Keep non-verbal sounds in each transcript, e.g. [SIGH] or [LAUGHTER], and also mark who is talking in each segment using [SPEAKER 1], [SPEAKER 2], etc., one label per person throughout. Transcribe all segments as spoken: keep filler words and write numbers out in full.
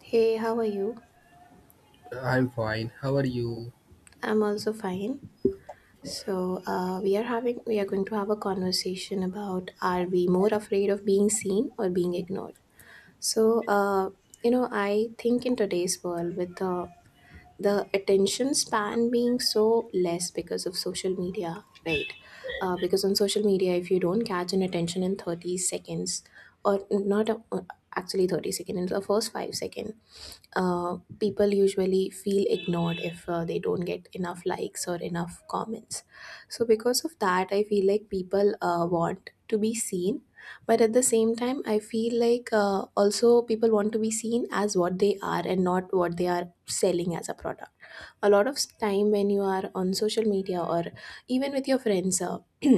[SPEAKER 1] Hey, how are you?
[SPEAKER 2] I'm fine. How are you?
[SPEAKER 1] I'm also fine. So, uh, we are having we are going to have a conversation about, are we more afraid of being seen or being ignored? So, uh, you know, I think in today's world with the the attention span being so less because of social media, right? Uh, because on social media, if you don't catch an attention in thirty seconds, or not uh, actually thirty seconds, in the first five second, uh, people usually feel ignored if uh, they don't get enough likes or enough comments. So, because of that, I feel like people uh, want to be seen. But at the same time, I feel like uh, also people want to be seen as what they are and not what they are selling as a product. A lot of time when you are on social media or even with your friends uh, [CLEARS THROAT]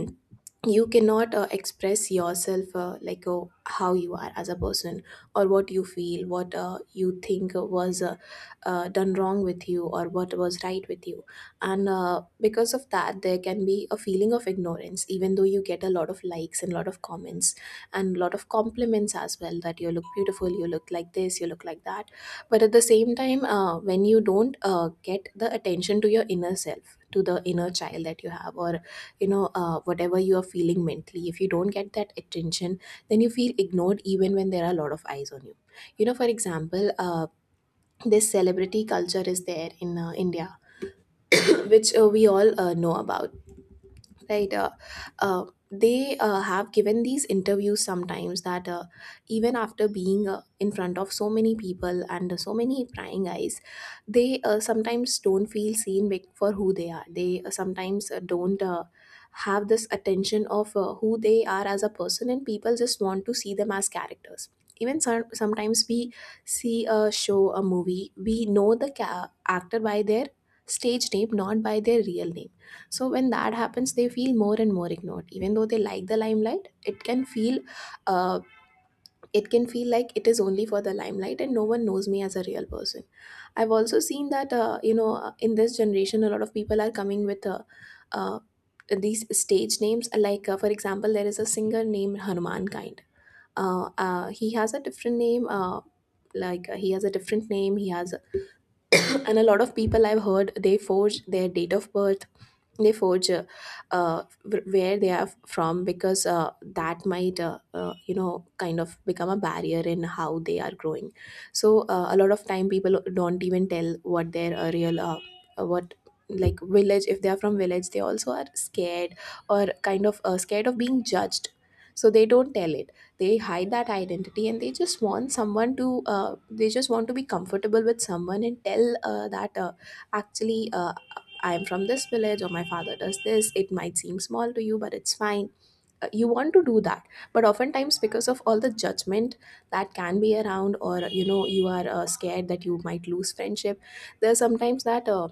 [SPEAKER 1] you cannot uh, express yourself, uh, like uh, how you are as a person, or what you feel, what uh, you think was uh, uh, done wrong with you or what was right with you. And uh, because of that there can be a feeling of ignorance, even though you get a lot of likes and a lot of comments and a lot of compliments as well, that you look beautiful, you look like this, you look like that. But at the same time, uh, when you don't uh, get the attention to your inner self, to the inner child that you have, or you know uh, whatever you are feeling mentally, if you don't get that attention, then you feel ignored even when there are a lot of eyes on you. You know, for example, uh, this celebrity culture is there in uh, India, [CLEARS THROAT] which uh, we all uh, know about, right? uh, uh, they uh, have given these interviews sometimes that uh, even after being uh, in front of so many people and so many prying eyes, they uh, sometimes don't feel seen, bec- for who they are. They uh, sometimes uh, don't uh, have this attention of uh, who they are as a person, and people just want to see them as characters. Even some sometimes we see a show, a movie, we know the ca- actor by their stage name, not by their real name. So when that happens, they feel more and more ignored. Even though they like the limelight, it can feel, uh, it can feel like it is only for the limelight, and no one knows me as a real person. I've also seen that, uh, you know uh, in this generation, a lot of people are coming with uh, uh, these stage names. Like, uh, for example, there is a singer named Hanuman Kind. Uh, uh, he has a different name. Uh, like uh, he has a different name he has. And a lot of people I've heard, they forge their date of birth, they forge, uh, uh, wh- where they are from, because uh, that might uh, uh, you know kind of become a barrier in how they are growing. So uh, a lot of time people don't even tell what their uh, real uh, uh, what like village, if they are from village, they also are scared, or kind of uh, scared of being judged, so they don't tell it. They hide that identity, and they just want someone to uh, they just want to be comfortable with someone and tell uh, that uh, actually, uh, I'm from this village, or my father does this. It might seem small to you, but it's fine. Uh, You want to do that. But oftentimes, because of all the judgment that can be around, or you know, you are uh, scared that you might lose friendship, there's sometimes that, uh,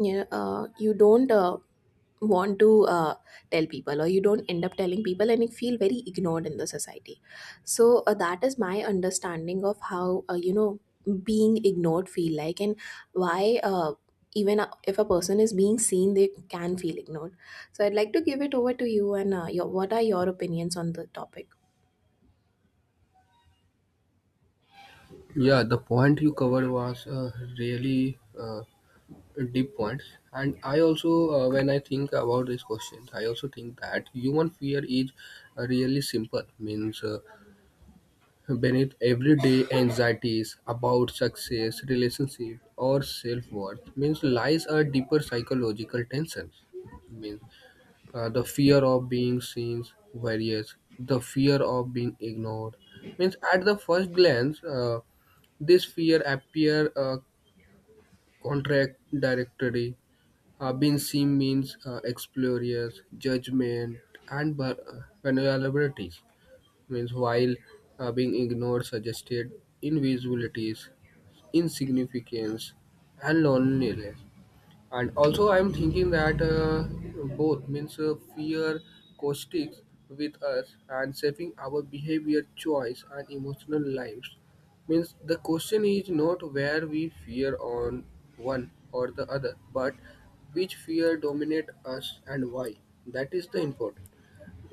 [SPEAKER 1] you know, uh, you don't. Uh, want to uh, tell people, or you don't end up telling people, and you feel very ignored in the society. So uh, that is my understanding of how, uh, you know being ignored feel like, and why, uh, even uh, if a person is being seen they can feel ignored. So I'd like to give it over to you, and uh, your, what are your opinions on the topic?
[SPEAKER 2] Yeah, the point you covered was uh, really uh, deep points. And I also, uh, when I think about these questions, I also think that human fear is uh, really simple. Means uh, beneath everyday anxieties about success, relationship, or self worth, means lies a deeper psychological tension. Means uh, the fear of being seen various the fear of being ignored means at the first glance, uh, this fear appear uh, contradictory. Uh, being seen means uh, explorers, judgment, and bu- uh, vulnerabilities. Means while uh, being ignored, suggested invisibilities, insignificance, and loneliness. And also, I'm thinking that uh, both means uh, fear caustics with us and shaping our behavior, choice, and emotional lives. Means the question is not where we fear on one or the other, but which fear dominate us and why. That is the important.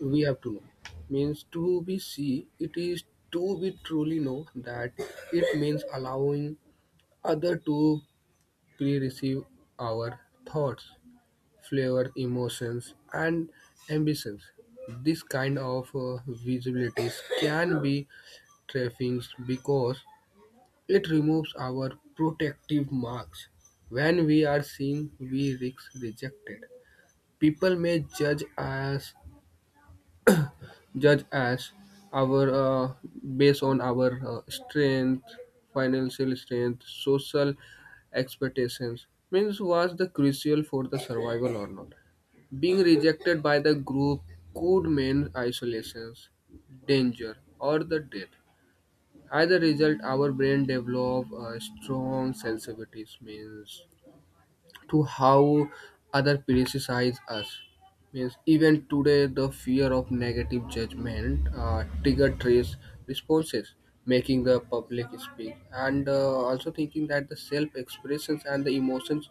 [SPEAKER 2] We have to know. Means to be see it is to be truly know that it means allowing other to pre-receive our thoughts flavor, emotions, and ambitions. This kind of uh, visibilities can be trifling because it removes our protective marks. When we are seen, we risk rejected. People may judge us judge as our, uh, based on our uh, strength, financial strength, social expectations, means was the crucial for the survival or not being rejected by the group could mean isolations, danger, or the death. As a result, our brain develop uh, strong sensitivities, means to how other criticize us. Means even today, the fear of negative judgment uh, trigger trace responses, making the public speak, and uh, also thinking that the self-expressions and the emotions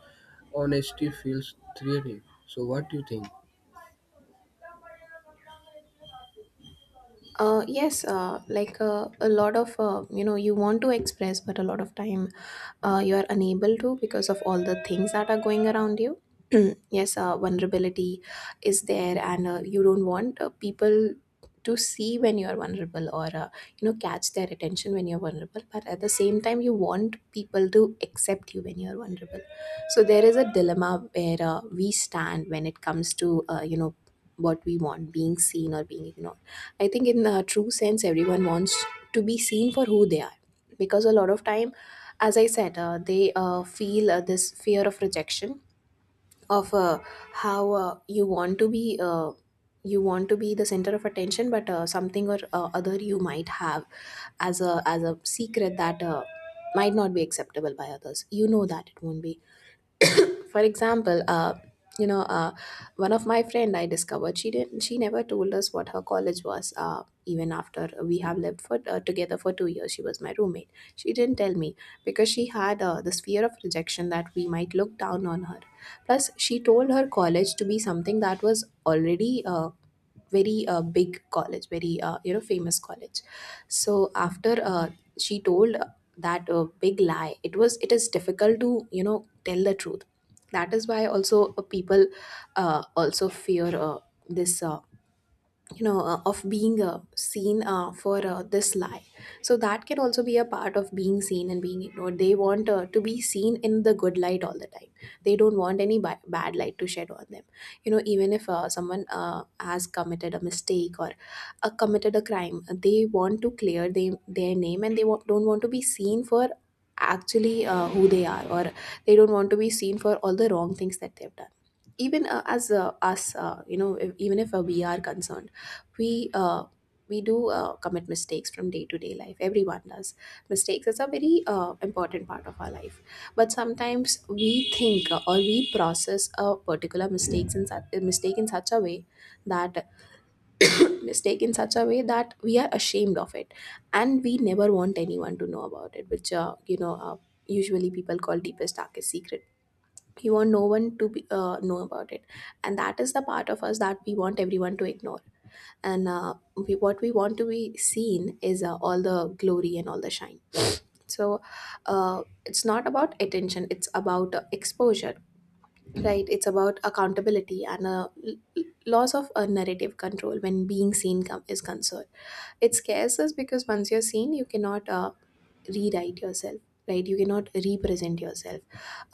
[SPEAKER 2] honesty feels threatening. So, what do you think?
[SPEAKER 1] Uh, yes, uh, like uh, a lot of, uh, you know, you want to express, but a lot of time uh, you are unable to because of all the things that are going around you. [CLEARS THROAT] Yes, uh, vulnerability is there, and uh, you don't want uh, people to see when you are vulnerable, or, uh, you know, catch their attention when you're vulnerable. But at the same time, you want people to accept you when you're vulnerable. So there is a dilemma where uh, we stand when it comes to, uh, you know, what we want, being seen or being ignored. I think in a true sense, everyone wants to be seen for who they are, because a lot of time, as I said, uh, they uh, feel uh, this fear of rejection, of uh, how, uh, you want to be. Uh, you want to be the center of attention, but uh, something or uh, other, you might have as a as a secret that uh, might not be acceptable by others, you know that it won't be. For example, uh you know uh one of my friend, I discovered, she didn't she never told us what her college was, uh even after we have lived for uh, together for two years. She was my roommate, she didn't tell me, because she had, uh, this fear of rejection that we might look down on her. Plus, she told her college to be something that was already uh, very uh, big college, very, uh, you know famous college. So after, uh, she told, uh, that uh, big lie, it was it is difficult to, you know, tell the truth. That is why also, uh, people uh, also fear, uh, this uh, you know uh, of being, uh, seen, uh, for uh, this lie. So that can also be a part of being seen and being ignored. They want, uh, to be seen in the good light all the time, they don't want any ba- bad light to shed on them. You know, even if uh, someone uh, has committed a mistake, or uh, committed a crime, they want to clear they, their name, and they wa- don't want to be seen for actually, uh, who they are, or they don't want to be seen for all the wrong things that they've done. Even uh, as uh, us uh, you know if, even if uh, we are concerned, we uh, we do uh, commit mistakes from day to day life, everyone does mistakes. It's a very uh, important part of our life. But sometimes we think, uh, or we process a particular mistakes in such, mistake in such a way that [COUGHS] mistake in such a way that we are ashamed of it, and we never want anyone to know about it, which, uh, you know uh, usually people call deepest darkest secret. You want no one to be, uh, know about it, and that is the part of us that we want everyone to ignore. And uh, we, what we want to be seen is, uh, all the glory and all the shine. So uh, it's not about attention, it's about, uh, exposure. Right, it's about accountability and, uh, l- l- loss of uh, narrative control when being seen com- is concerned. It scares us, because once you're seen, you cannot uh, rewrite yourself. Right, you cannot represent yourself,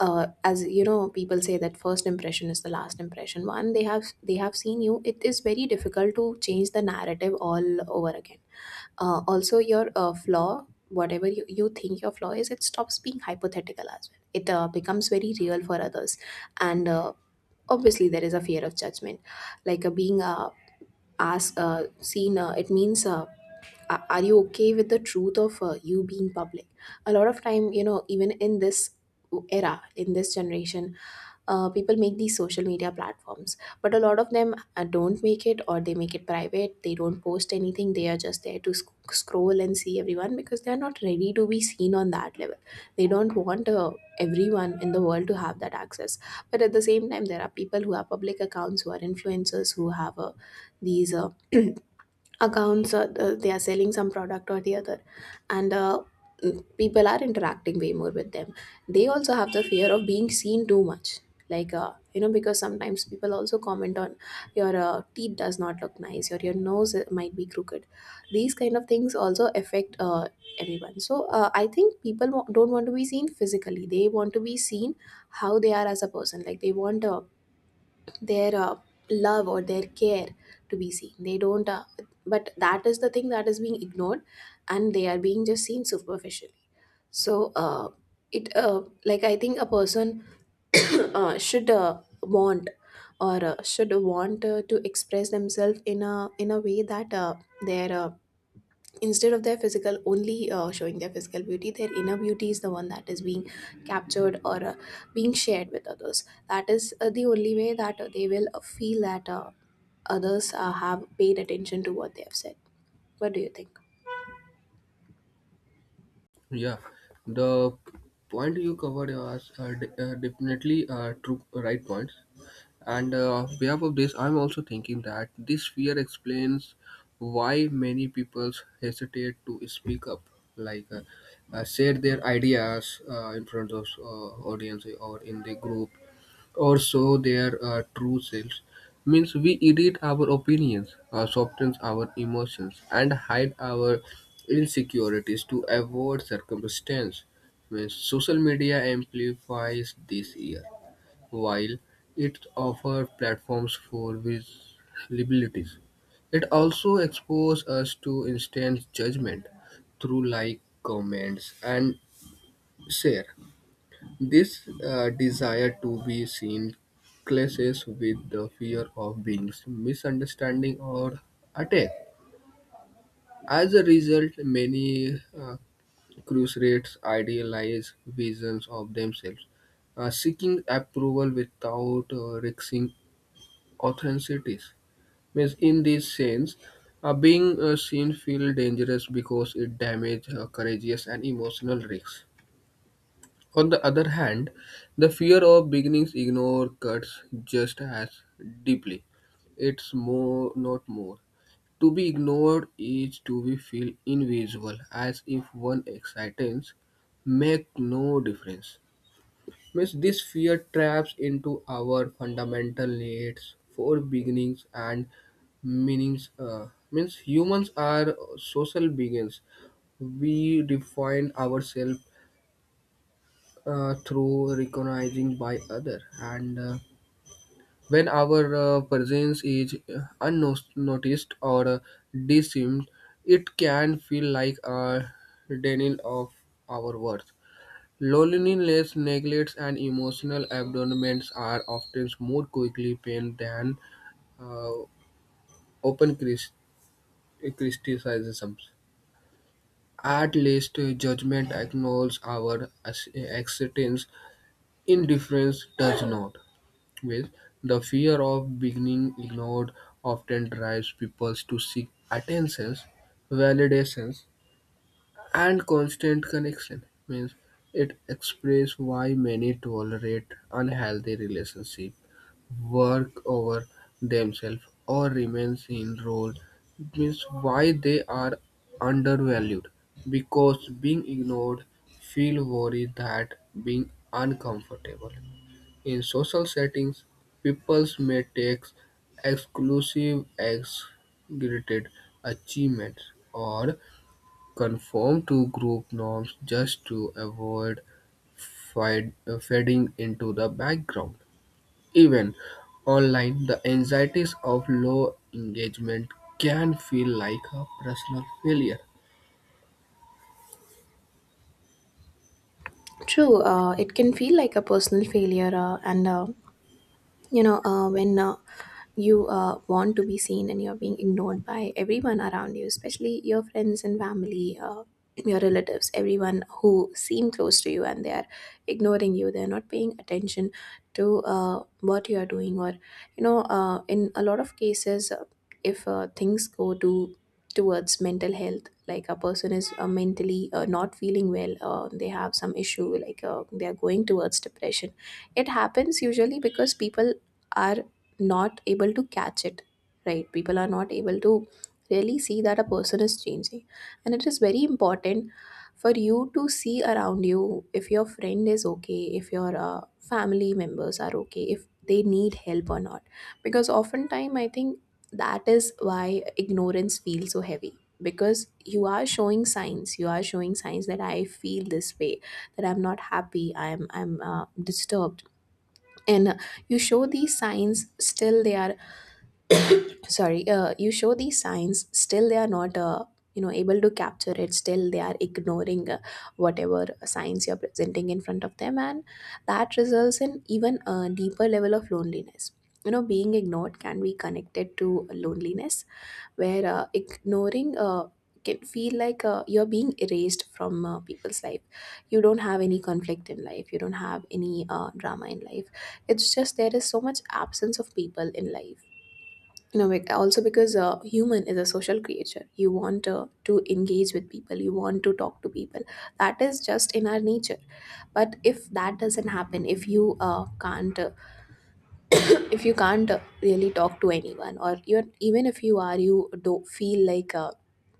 [SPEAKER 1] uh, as you know, people say that first impression is the last impression. One they have, they have seen you, it is very difficult to change the narrative all over again. Uh, also, your uh, flaw, whatever you, you think your flaw is, it stops being hypothetical as well, it uh, becomes very real for others. And uh, obviously there is a fear of judgment. Like uh, being uh, asked uh, Seen, uh, it means, uh, a- are you okay with the truth of, uh, you being public? A lot of time, you know, even in this era, in this generation, uh, people make these social media platforms, but a lot of them uh, don't make it, or they make it private, they don't post anything, they are just there to sc- scroll and see everyone, because they're not ready to be seen on that level. They don't want uh, everyone in the world to have that access. But at the same time, there are people who have public accounts, who are influencers, who have uh, these uh, accounts, or uh, they are selling some product or the other, and uh, people are interacting way more with them. They also have the fear of being seen too much, like, uh, you know because sometimes people also comment on your uh, teeth does not look nice, or your nose uh, might be crooked. These kind of things also affect uh, everyone, so uh, I think people wa- don't want to be seen physically, they want to be seen how they are as a person. Like they want uh, their uh, love or their care to be seen. They don't. Uh, but that is the thing that is being ignored, and they are being just seen superficially. So uh, it uh, like I think a person [COUGHS] [CLEARS THROAT] uh, should uh, want or uh, should want uh, to express themselves in a in a way that, uh, their uh, instead of their physical, only uh, showing their physical beauty, their inner beauty is the one that is being captured or uh, being shared with others. That is uh, the only way that uh, they will uh, feel that uh, others uh, have paid attention to what they have said. What do you think?
[SPEAKER 2] Yeah, the point you covered was uh, de- uh, definitely uh, true, right points. And uh, on behalf of this, I'm also thinking that this fear explains why many people hesitate to speak up, like uh, uh, share their ideas uh, in front of uh, audience or in the group, or show their uh, true selves. Means we edit our opinions, uh, soften our emotions, and hide our insecurities to avoid circumstance. Means social media amplifies this fear while it offers platforms for visibilities, it also exposes us to instant judgment through like, comments, and share. This uh, desire to be seen clashes with the fear of being misunderstanding or attacked. As a result, many uh, crusaders idealize visions of themselves, uh, seeking approval without uh, risking authentics. Means in this sense, uh, being uh, seen feel dangerous because it damage uh, courageous and emotional risks. On the other hand, the fear of beginnings ignore cuts just as deeply. It's more, not more. To be ignored is to be feel invisible, as if one existence make no difference. Means this fear traps into our fundamental needs for beginnings and meanings. Uh, means humans are social beings. We define ourselves uh, through recognizing by other, and uh, when our uh, presence is unnoticed or uh, dismissed, it can feel like a denial of our worth. Loneliness, neglect, and emotional abandonment are often more quickly pain than uh, open cris- criticisms. At least uh, judgment acknowledges our as- existence. Indifference does not. With the fear of being ignored often drives people to seek attentions, validations, and constant connection means it expresses why many tolerate unhealthy relationship work over themselves or remains in role means why they are undervalued, because being ignored feel worried that being uncomfortable in social settings people may take exclusive exaggerated achievements or conform to group norms just to avoid fid- fading into the background. Even online, the anxieties of low engagement can feel like a personal failure.
[SPEAKER 1] True, uh, it can feel like a personal failure, uh, and uh, you know, uh, when uh, you uh, want to be seen and you're being ignored by everyone around you, especially your friends and family, uh, your relatives, everyone who seem close to you, and they are ignoring you, they're not paying attention to uh, what you are doing. Or you know, uh, in a lot of cases, uh, if uh, things go to towards mental health, like a person is uh, mentally uh, not feeling well, uh, they have some issue, like uh, they are going towards depression, it happens usually because people are not able to catch it, right? People are not able to really see that a person is changing, and it is very important for you to see around you if your friend is okay, if your uh, family members are okay, if they need help or not. Because oftentimes I think that is why ignorance feels so heavy, because you are showing signs, you are showing signs that I feel this way, that I'm not happy, i'm i'm uh, disturbed. And uh, you show these signs, still they are sorry, uh, you show these signs, still they are not uh, you know able to capture it, still they are ignoring uh, whatever signs you're presenting in front of them, and that results in even a deeper level of loneliness. You know, being ignored can be connected to loneliness, where uh, ignoring uh, can feel like uh, you're being erased from uh, people's life. You don't have any conflict in life. You don't have any uh, drama in life. It's just there is so much absence of people in life. You know, bec- also because uh, human is a social creature. You want uh, to engage with people. You want to talk to people. That is just in our nature. But if that doesn't happen, if you uh, can't uh, [CLEARS THROAT] if you can't uh, really talk to anyone, or even even if you are, you do feel like, uh,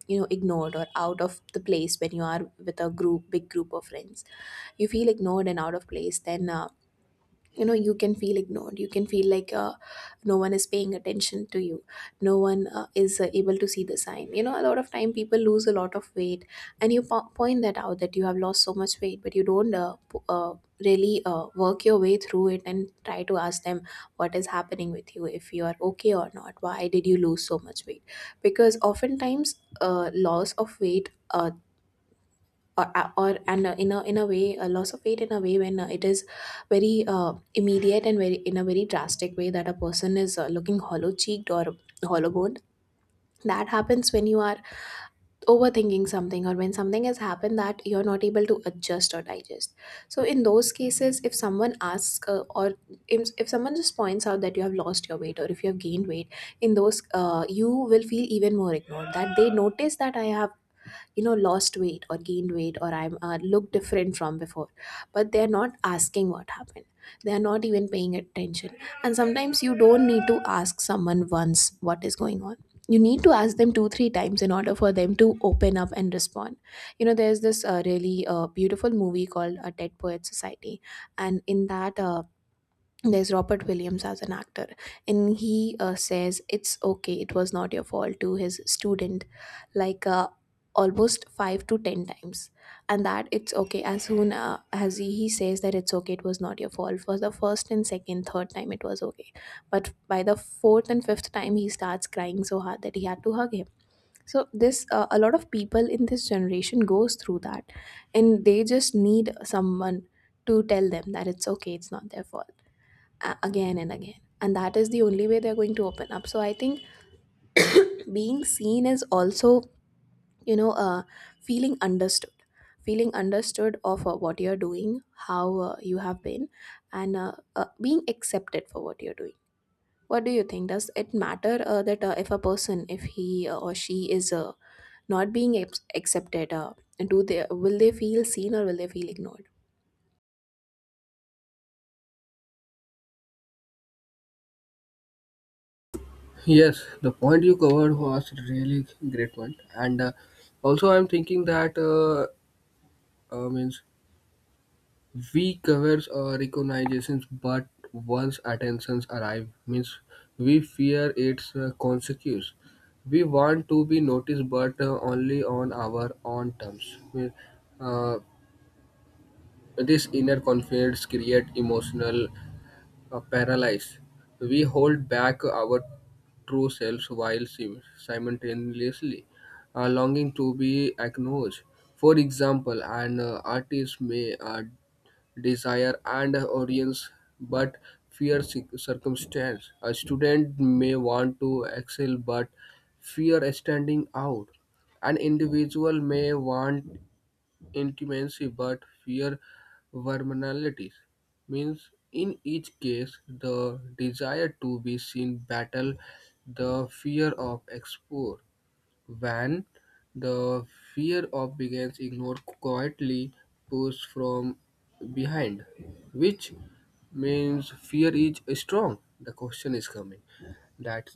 [SPEAKER 1] you know, ignored or out of the place when you are with a group big group of friends, you feel ignored and out of place. Then uh, you know, you can feel ignored, you can feel like uh, no one is paying attention to you, no one uh, is uh, able to see the sign. You know, a lot of time people lose a lot of weight, and you po- point that out, that you have lost so much weight, but you don't uh, p- uh, really uh, work your way through it and try to ask them what is happening with you, if you are okay or not, why did you lose so much weight. Because oftentimes uh, loss of weight, uh, or, uh, or and uh, in a in a way, a loss of weight in a way, when uh, it is very uh, immediate and very in a very drastic way, that a person is uh, looking hollow cheeked or hollow boned. That happens when you are overthinking something or when something has happened that you're not able to adjust or digest. So in those cases, if someone asks, uh, or if, if someone just points out that you have lost your weight or if you have gained weight, in those uh, you will feel even more ignored, that they notice that I have, you know, lost weight or gained weight, or I'm uh, look different from before, but they're not asking what happened, they're not even paying attention. And sometimes you don't need to ask someone once what is going on, you need to ask them two three times in order for them to open up and respond. You know, there's this uh, really uh, beautiful movie called A Dead Poet Society, and in that uh, there's Robert Williams as an actor, and he uh, says, "It's okay, it was not your fault," to his student, like uh, almost five to ten times, and that it's okay. As soon uh, as he, he says that it's okay, it was not your fault, for the first and second, third time it was okay, but by the fourth and fifth time he starts crying so hard that he had to hug him. So this, uh, a lot of people in this generation goes through that, and they just need someone to tell them that it's okay, it's not their fault, uh, again and again, and that is the only way they're going to open up. So I think being seen is also, you know, uh, feeling understood, feeling understood of uh, what you're doing, how uh, you have been, and uh, uh, being accepted for what you're doing. What do you think, does it matter uh, that, uh, if a person, if he uh, or she is uh, not being ac- accepted, uh, do they, will they feel seen or will they feel ignored?
[SPEAKER 2] Yes, the point you covered was really great one, and uh, also I'm thinking that uh, uh, means we covers our recognitions, but once attentions arrive, means we fear its uh, consequence. We want to be noticed, but uh, only on our own terms. We- uh, this inner confidence create emotional uh, paralysis. We hold back our true selves while sim- simultaneously uh, longing to be acknowledged. For example, an uh, artist may uh, desire, and audience, but fear cir- circumstance. A student may want to excel, but fear standing out. An individual may want intimacy, but fear vulnerabilities. Means in each case, the desire to be seen battle the fear of exposure. When the fear of begins ignored quietly pushed from behind, which means fear is strong. The question is coming that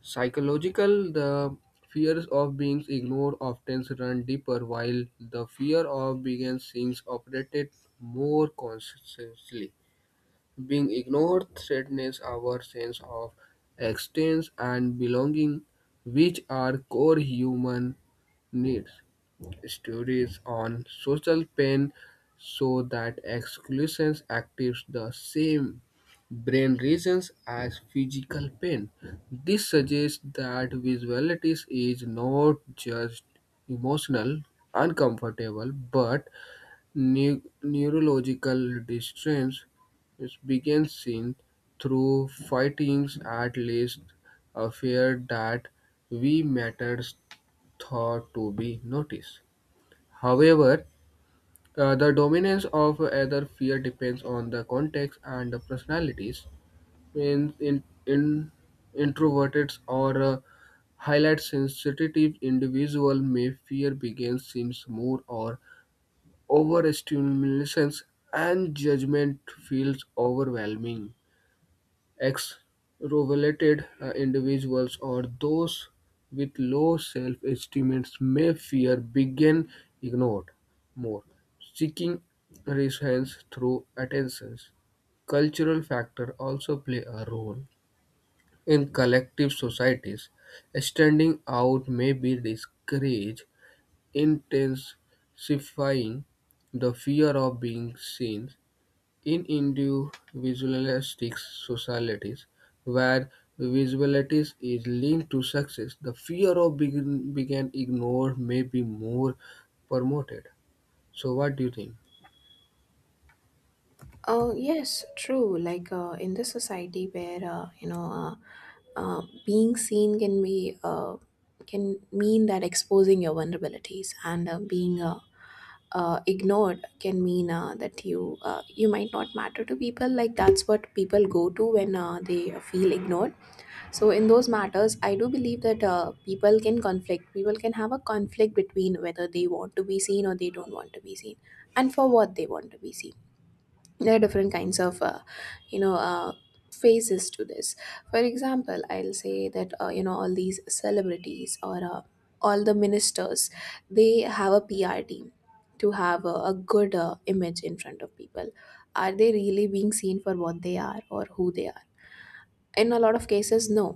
[SPEAKER 2] psychological the fears of being ignored often run deeper while the fear of being seen operated more consciously, being ignored threatens our sense of existence and belonging, which are core human needs. Studies on social pain show that exclusion activates the same brain regions as physical pain. This suggests that visualities is not just emotional uncomfortable but Neu- neurological distress is begins seen through fightings at least a fear that we matters thought to be noticed. However, uh, the dominance of either fear depends on the context and the personalities. In, in, in introverted or uh, highlight sensitive individual may fear begins seems more or overstimulation and judgment feels overwhelming. Extroverted uh, individuals or those with low self-esteem may fear being ignored more, seeking reassurance through attentions. Cultural factors also play a role. In collective societies, standing out may be discouraged intensifying the fear of being seen. In individualistic societies, where visibility is linked to success, the fear of being, being ignored may be more promoted. So, what do you think?
[SPEAKER 1] Uh, yes, true. Like uh, in this society where, uh, you know uh, uh, being seen can be uh, can mean that exposing your vulnerabilities, and uh, being uh, uh, ignored can mean uh, that you, uh, you might not matter to people. Like that's what people go to when uh, they feel ignored. So in those matters, I do believe that uh, people can conflict. People can have a conflict between whether they want to be seen or they don't want to be seen, and for what they want to be seen there are different kinds of, uh, you know uh, phases to this. For example, I'll say that, uh, you know, all these celebrities, or uh, all the ministers, they have a PR team to have a, a good uh, image in front of people. Are they really being seen for what they are or who they are? In a lot of cases, no.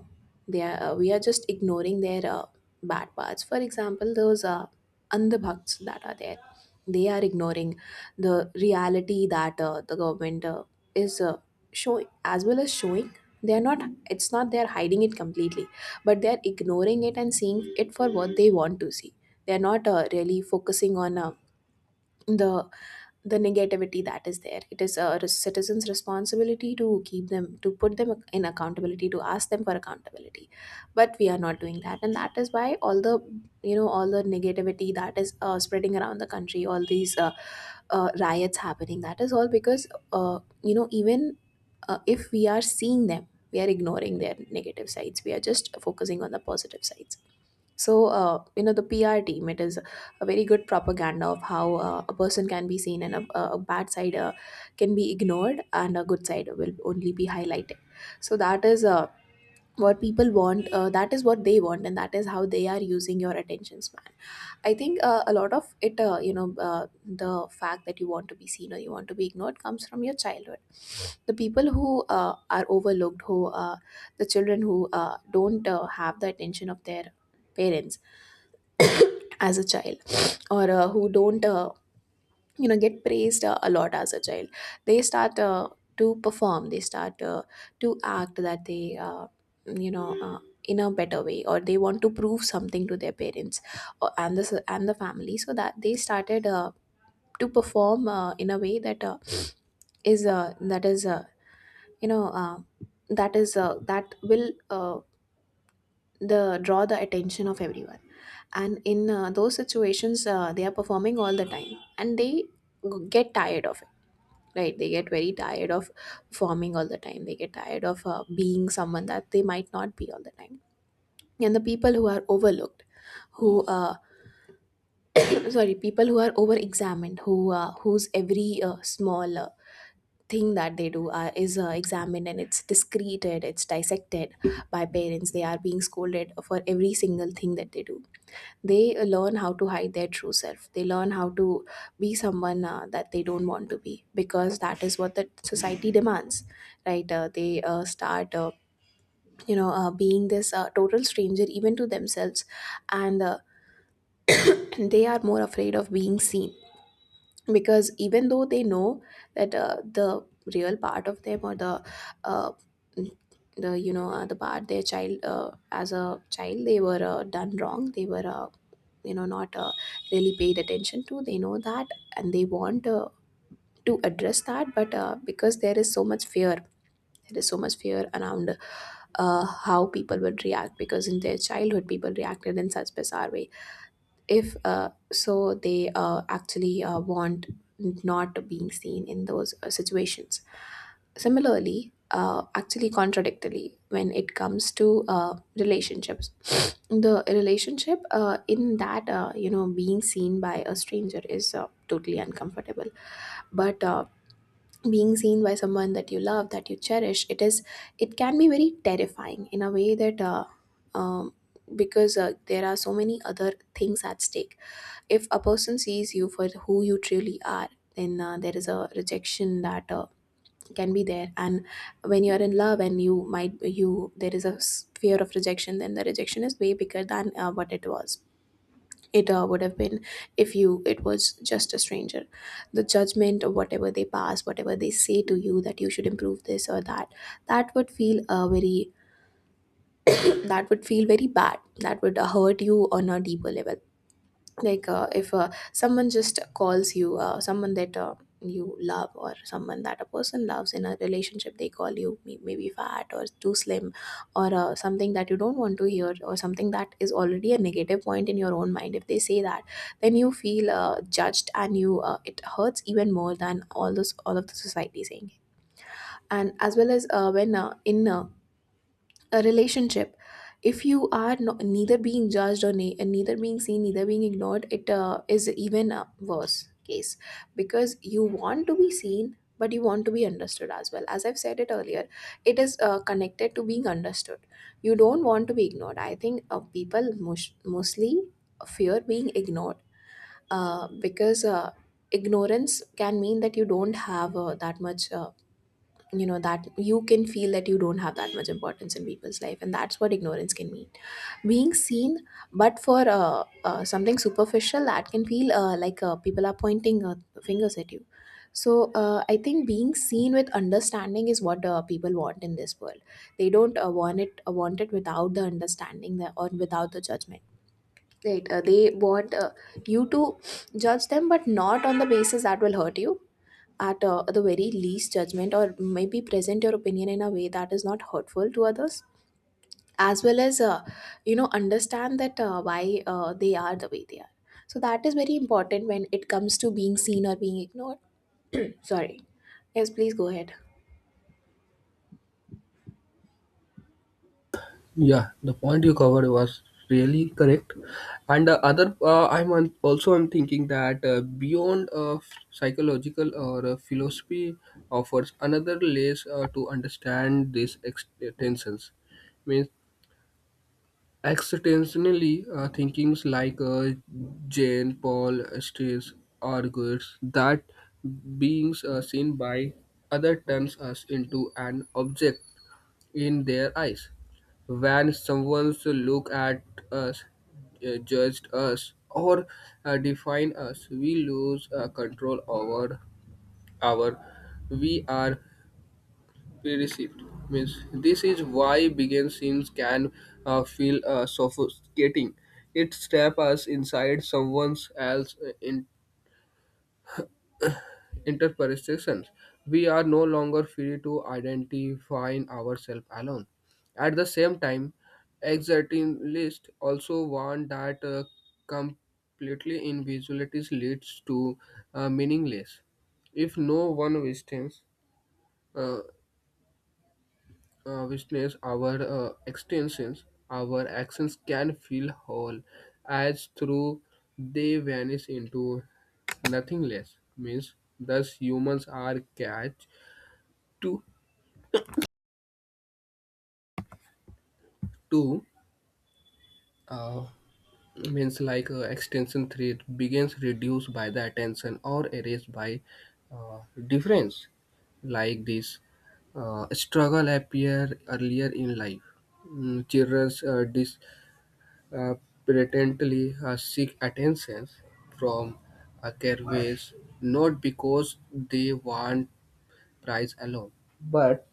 [SPEAKER 1] They are, uh, we are just ignoring their uh, bad parts. For example, those uh, andhabhakts that are there, they are ignoring the reality that uh, the government uh, is uh, showing, as well as showing. They are not, it's not they are hiding it completely, but they are ignoring it and seeing it for what they want to see. They are not uh, really focusing on uh, the the negativity that is there. It is a res- citizen's responsibility to keep them, to put them in accountability, to ask them for accountability. But we are not doing that, and that is why all the, you know, all the negativity that is uh, spreading around the country, all these uh, uh, riots happening. That is all because, uh, you know, even uh, if we are seeing them, we are ignoring their negative sides. We are just focusing on the positive sides. So, uh, you know, the P R team, it is a very good propaganda of how uh, a person can be seen and a, a a bad side uh, can be ignored and a good side will only be highlighted. So that is uh, what people want, uh, that is what they want, and that is how they are using your attention span. I think uh, a lot of it, uh, you know, uh, the fact that you want to be seen or you want to be ignored comes from your childhood. The people who uh, are overlooked, who uh, the children who uh, don't uh, have the attention of their parents as a child, or uh, who don't uh, you know get praised uh, a lot as a child. They start uh, to perform, they start uh, to act that they uh, you know uh, in a better way, or they want to prove something to their parents or, and the and the family, so that they started uh, to perform uh, in a way that uh, is uh, that is uh, you know uh, that is uh, that will uh, the draw the attention of everyone. And in uh, those situations uh, they are performing all the time, and they g- get tired of it, right? They get very tired of performing all the time. They get tired of uh, being someone that they might not be all the time. And the people who are overlooked, who uh, [CLEARS THROAT] sorry, people who are over examined, who uh, whose every uh, small uh, thing that they do are, is uh, examined, and it's discreted, it's dissected by parents. They are being scolded for every single thing that they do. They uh, learn how to hide their true self. They learn how to be someone uh, that they don't want to be, because that is what the society demands, right? Uh, they uh, start uh, you know uh, being this uh, total stranger even to themselves. And uh, [CLEARS THROAT] they are more afraid of being seen, because even though they know that uh, the real part of them, or the uh, the you know uh, the part, their child uh, as a child they were uh, done wrong, they were uh, you know not uh, really paid attention to. They know that, and they want uh, to address that, but uh, because there is so much fear, there is so much fear around uh, how people would react, because in their childhood people reacted in such bizarre way. If uh, so they uh, actually uh, want not being seen in those uh, situations. Similarly, uh, actually contradictorily, when it comes to uh, relationships, the relationship uh, in that uh, you know being seen by a stranger is uh, totally uncomfortable, but uh, being seen by someone that you love, that you cherish, it is it can be very terrifying in a way that uh, um, because uh, there are so many other things at stake. If a person sees you for who you truly are, then uh, there is a rejection that uh, can be there. And when you are in love, and you might you there is a s- fear of rejection, then the rejection is way bigger than uh, what it was, it uh, would have been if you it was just a stranger. The judgment, or whatever they pass, whatever they say to you, that you should improve this or that, that would feel uh, very that would feel very bad, that would uh, hurt you on a deeper level. Like, uh, if uh, someone just calls you, uh, someone that uh, you love, or someone that a person loves in a relationship, they call you may- maybe fat or too slim, or uh, something that you don't want to hear, or something that is already a negative point in your own mind, if they say that, then you feel uh, judged, and you uh, it hurts even more than all those all of the society saying. And as well as uh, when uh, in uh, a relationship, if you are no, neither being judged, or ne- neither being seen, neither being ignored, it uh, is even a worse case, because you want to be seen, but you want to be understood as well. As I've said it earlier, it is uh, connected to being understood. You don't want to be ignored. I think uh, people mos- mostly fear being ignored, uh, because uh, ignorance can mean that you don't have uh, that much, uh, you know that you can feel that you don't have that much importance in people's life, and that's what ignorance can mean. Being seen but for uh, uh, something superficial, that can feel uh, like uh, people are pointing uh, fingers at you. So uh, I think being seen with understanding is what uh, people want in this world. They don't uh, want it uh, want it without the understanding, that, or without the judgment, right? Uh, they want uh, you to judge them, but not on the basis that will hurt you. At uh, the very least judgment, or maybe present your opinion in a way that is not hurtful to others, as well as uh, you know understand that uh, why uh, they are the way they are. So that is very important when it comes to being seen or being ignored. Sorry. Yes, please go ahead.
[SPEAKER 2] Yeah, the point you covered was really correct. And the other, uh, I'm on, also I'm thinking that uh, beyond uh, psychological or uh, philosophy offers another layer uh, to understand these ex- tensions. Means existentially uh, thinkings like uh, Jane Paul Stace argues that beings are seen by other turns us into an object in their eyes. When someone look at us, uh, judged us, or uh, define us, we lose uh, control over our we are perceived. Means this is why begin scenes can uh, feel uh, sophisticating. It step us inside someone else's interpersections. We are no longer free to identify ourselves alone. At the same time, existentialists also warn that uh, completely individuality leads to uh, meaningless. If no one witnesses, uh, uh, witness our uh, extensions, our actions can feel whole, as through they vanish into nothingness. Means thus humans are catch two two uh, means like uh, extension three begins reduced by the attention or erased by uh, difference like this uh, struggle appear earlier in life. Mm, children uh, dis, uh, patently uh, seek attention from uh, caregivers not because they want prize alone but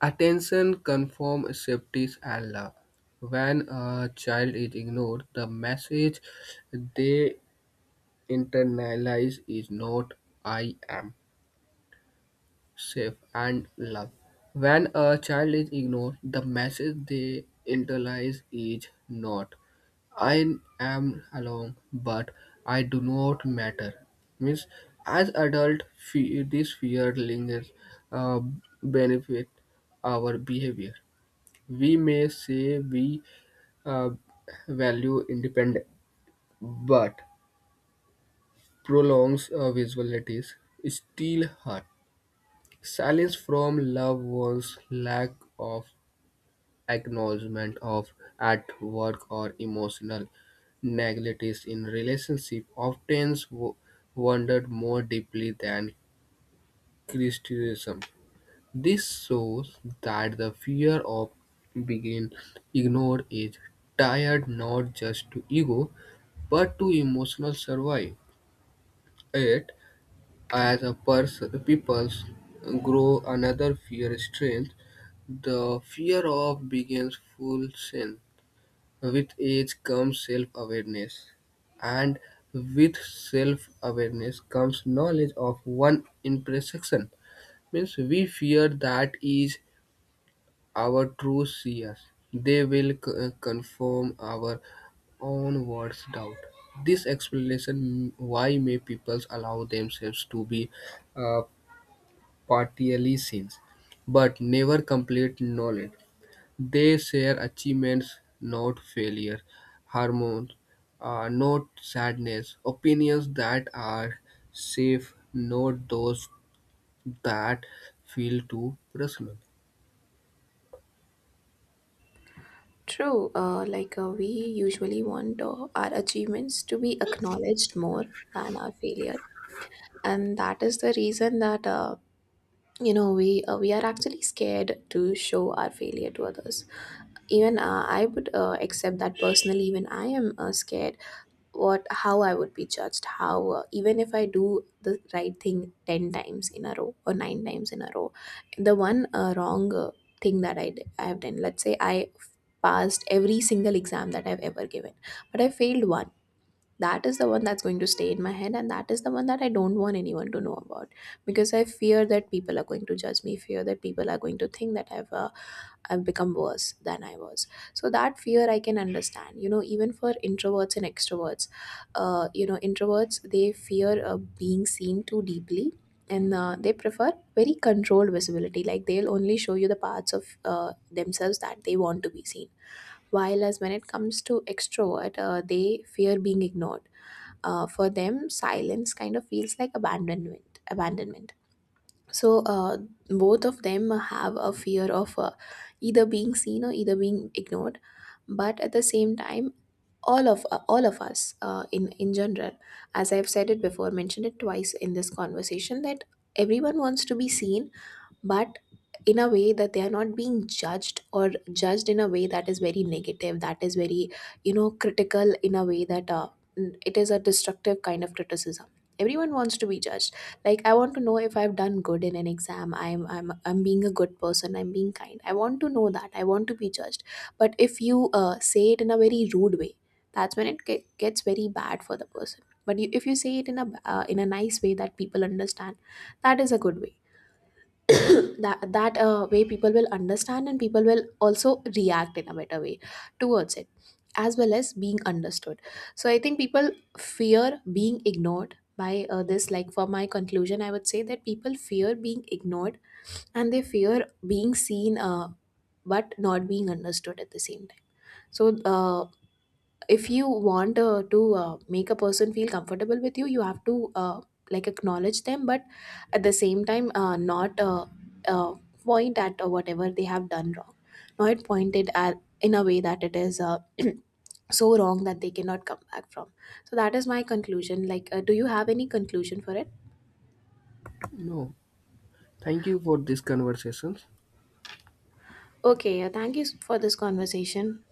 [SPEAKER 2] attention confirms safety's Allah. When a child is ignored, the message they internalize is not I am safe and loved. When a child is ignored, the message they internalize is not I am alone, but I do not matter. Means, as adult, fe- this fear lingers, uh, benefit our behavior. We may say we uh, value independence, but prolongs uh, visualities steal heart. Silence from loved ones, lack of acknowledgement of at work or emotional negatives in relationship often wo- wounded more deeply than criticism. This shows that the fear of being ignored is tied not just to ego but to emotional survive it, as a person peoples grow another fear strength, the fear of begins full sin. With age comes self-awareness, and with self-awareness comes knowledge of one imperfection, means we fear that is our true see us; they will c- uh, confirm our onwards doubt. This explanation why may people allow themselves to be uh, partially seen, but never complete knowledge. They share achievements, not failure, hormones, uh, not sadness, opinions that are safe, not those that feel too personal.
[SPEAKER 1] True. Uh, like uh, we usually want uh, our achievements to be acknowledged more than our failure, and that is the reason that uh, you know we uh, we are actually scared to show our failure to others. Even uh, I would uh, accept that personally. Even I am uh, scared what how I would be judged. How uh, even if I do the right thing ten times in a row or nine times in a row, the one uh, wrong uh, thing that I did, I have done. Let's say I passed every single exam that I've ever given, but I failed one. That is the one that's going to stay in my head, and that is the one that I don't want anyone to know about, because I fear that people are going to judge me, fear that people are going to think that i've uh, I've become worse than I was. So that fear I can understand, you know, even for introverts and extroverts. uh, you know introverts, they fear uh, being seen too deeply, and uh, they prefer very controlled visibility. Like, they'll only show you the parts of uh, themselves that they want to be seen. While as, when it comes to extrovert, uh, they fear being ignored. Uh, for them silence kind of feels like abandonment abandonment. So uh, both of them have a fear of uh, either being seen or either being ignored. But at the same time, all of uh, all of us uh, in in general, as I've said it before, mentioned it twice in this conversation, that everyone wants to be seen, but in a way that they are not being judged, or judged in a way that is very negative, that is very, you know, critical, in a way that uh, n- it is a destructive kind of criticism. Everyone wants to be judged. Like, I want to know if I've done good in an exam, I'm i'm i'm being a good person, I'm being kind, I want to know that, I want to be judged. But if you uh, say it in a very rude way, that's when it ge- gets very bad for the person. But you, if you say it in a uh, in a nice way that people understand, that is a good way. That that uh, way people will understand, and people will also react in a better way towards it, as well as being understood. So I think people fear being ignored by uh, this Like, for my conclusion, I would say that people fear being ignored, and they fear being seen, uh, but not being understood at the same time. So uh, if you want uh, to uh, make a person feel comfortable with you, you have to uh, like acknowledge them, but at the same time uh, not uh, uh, point at uh, whatever they have done wrong. Not point it at in a way that it is uh, [CLEARS THROAT] so wrong that they cannot come back from. So that is my conclusion. Like, uh, do you have any conclusion for it?
[SPEAKER 2] No, thank you for this conversation.
[SPEAKER 1] Okay, uh, thank you s- for this conversation.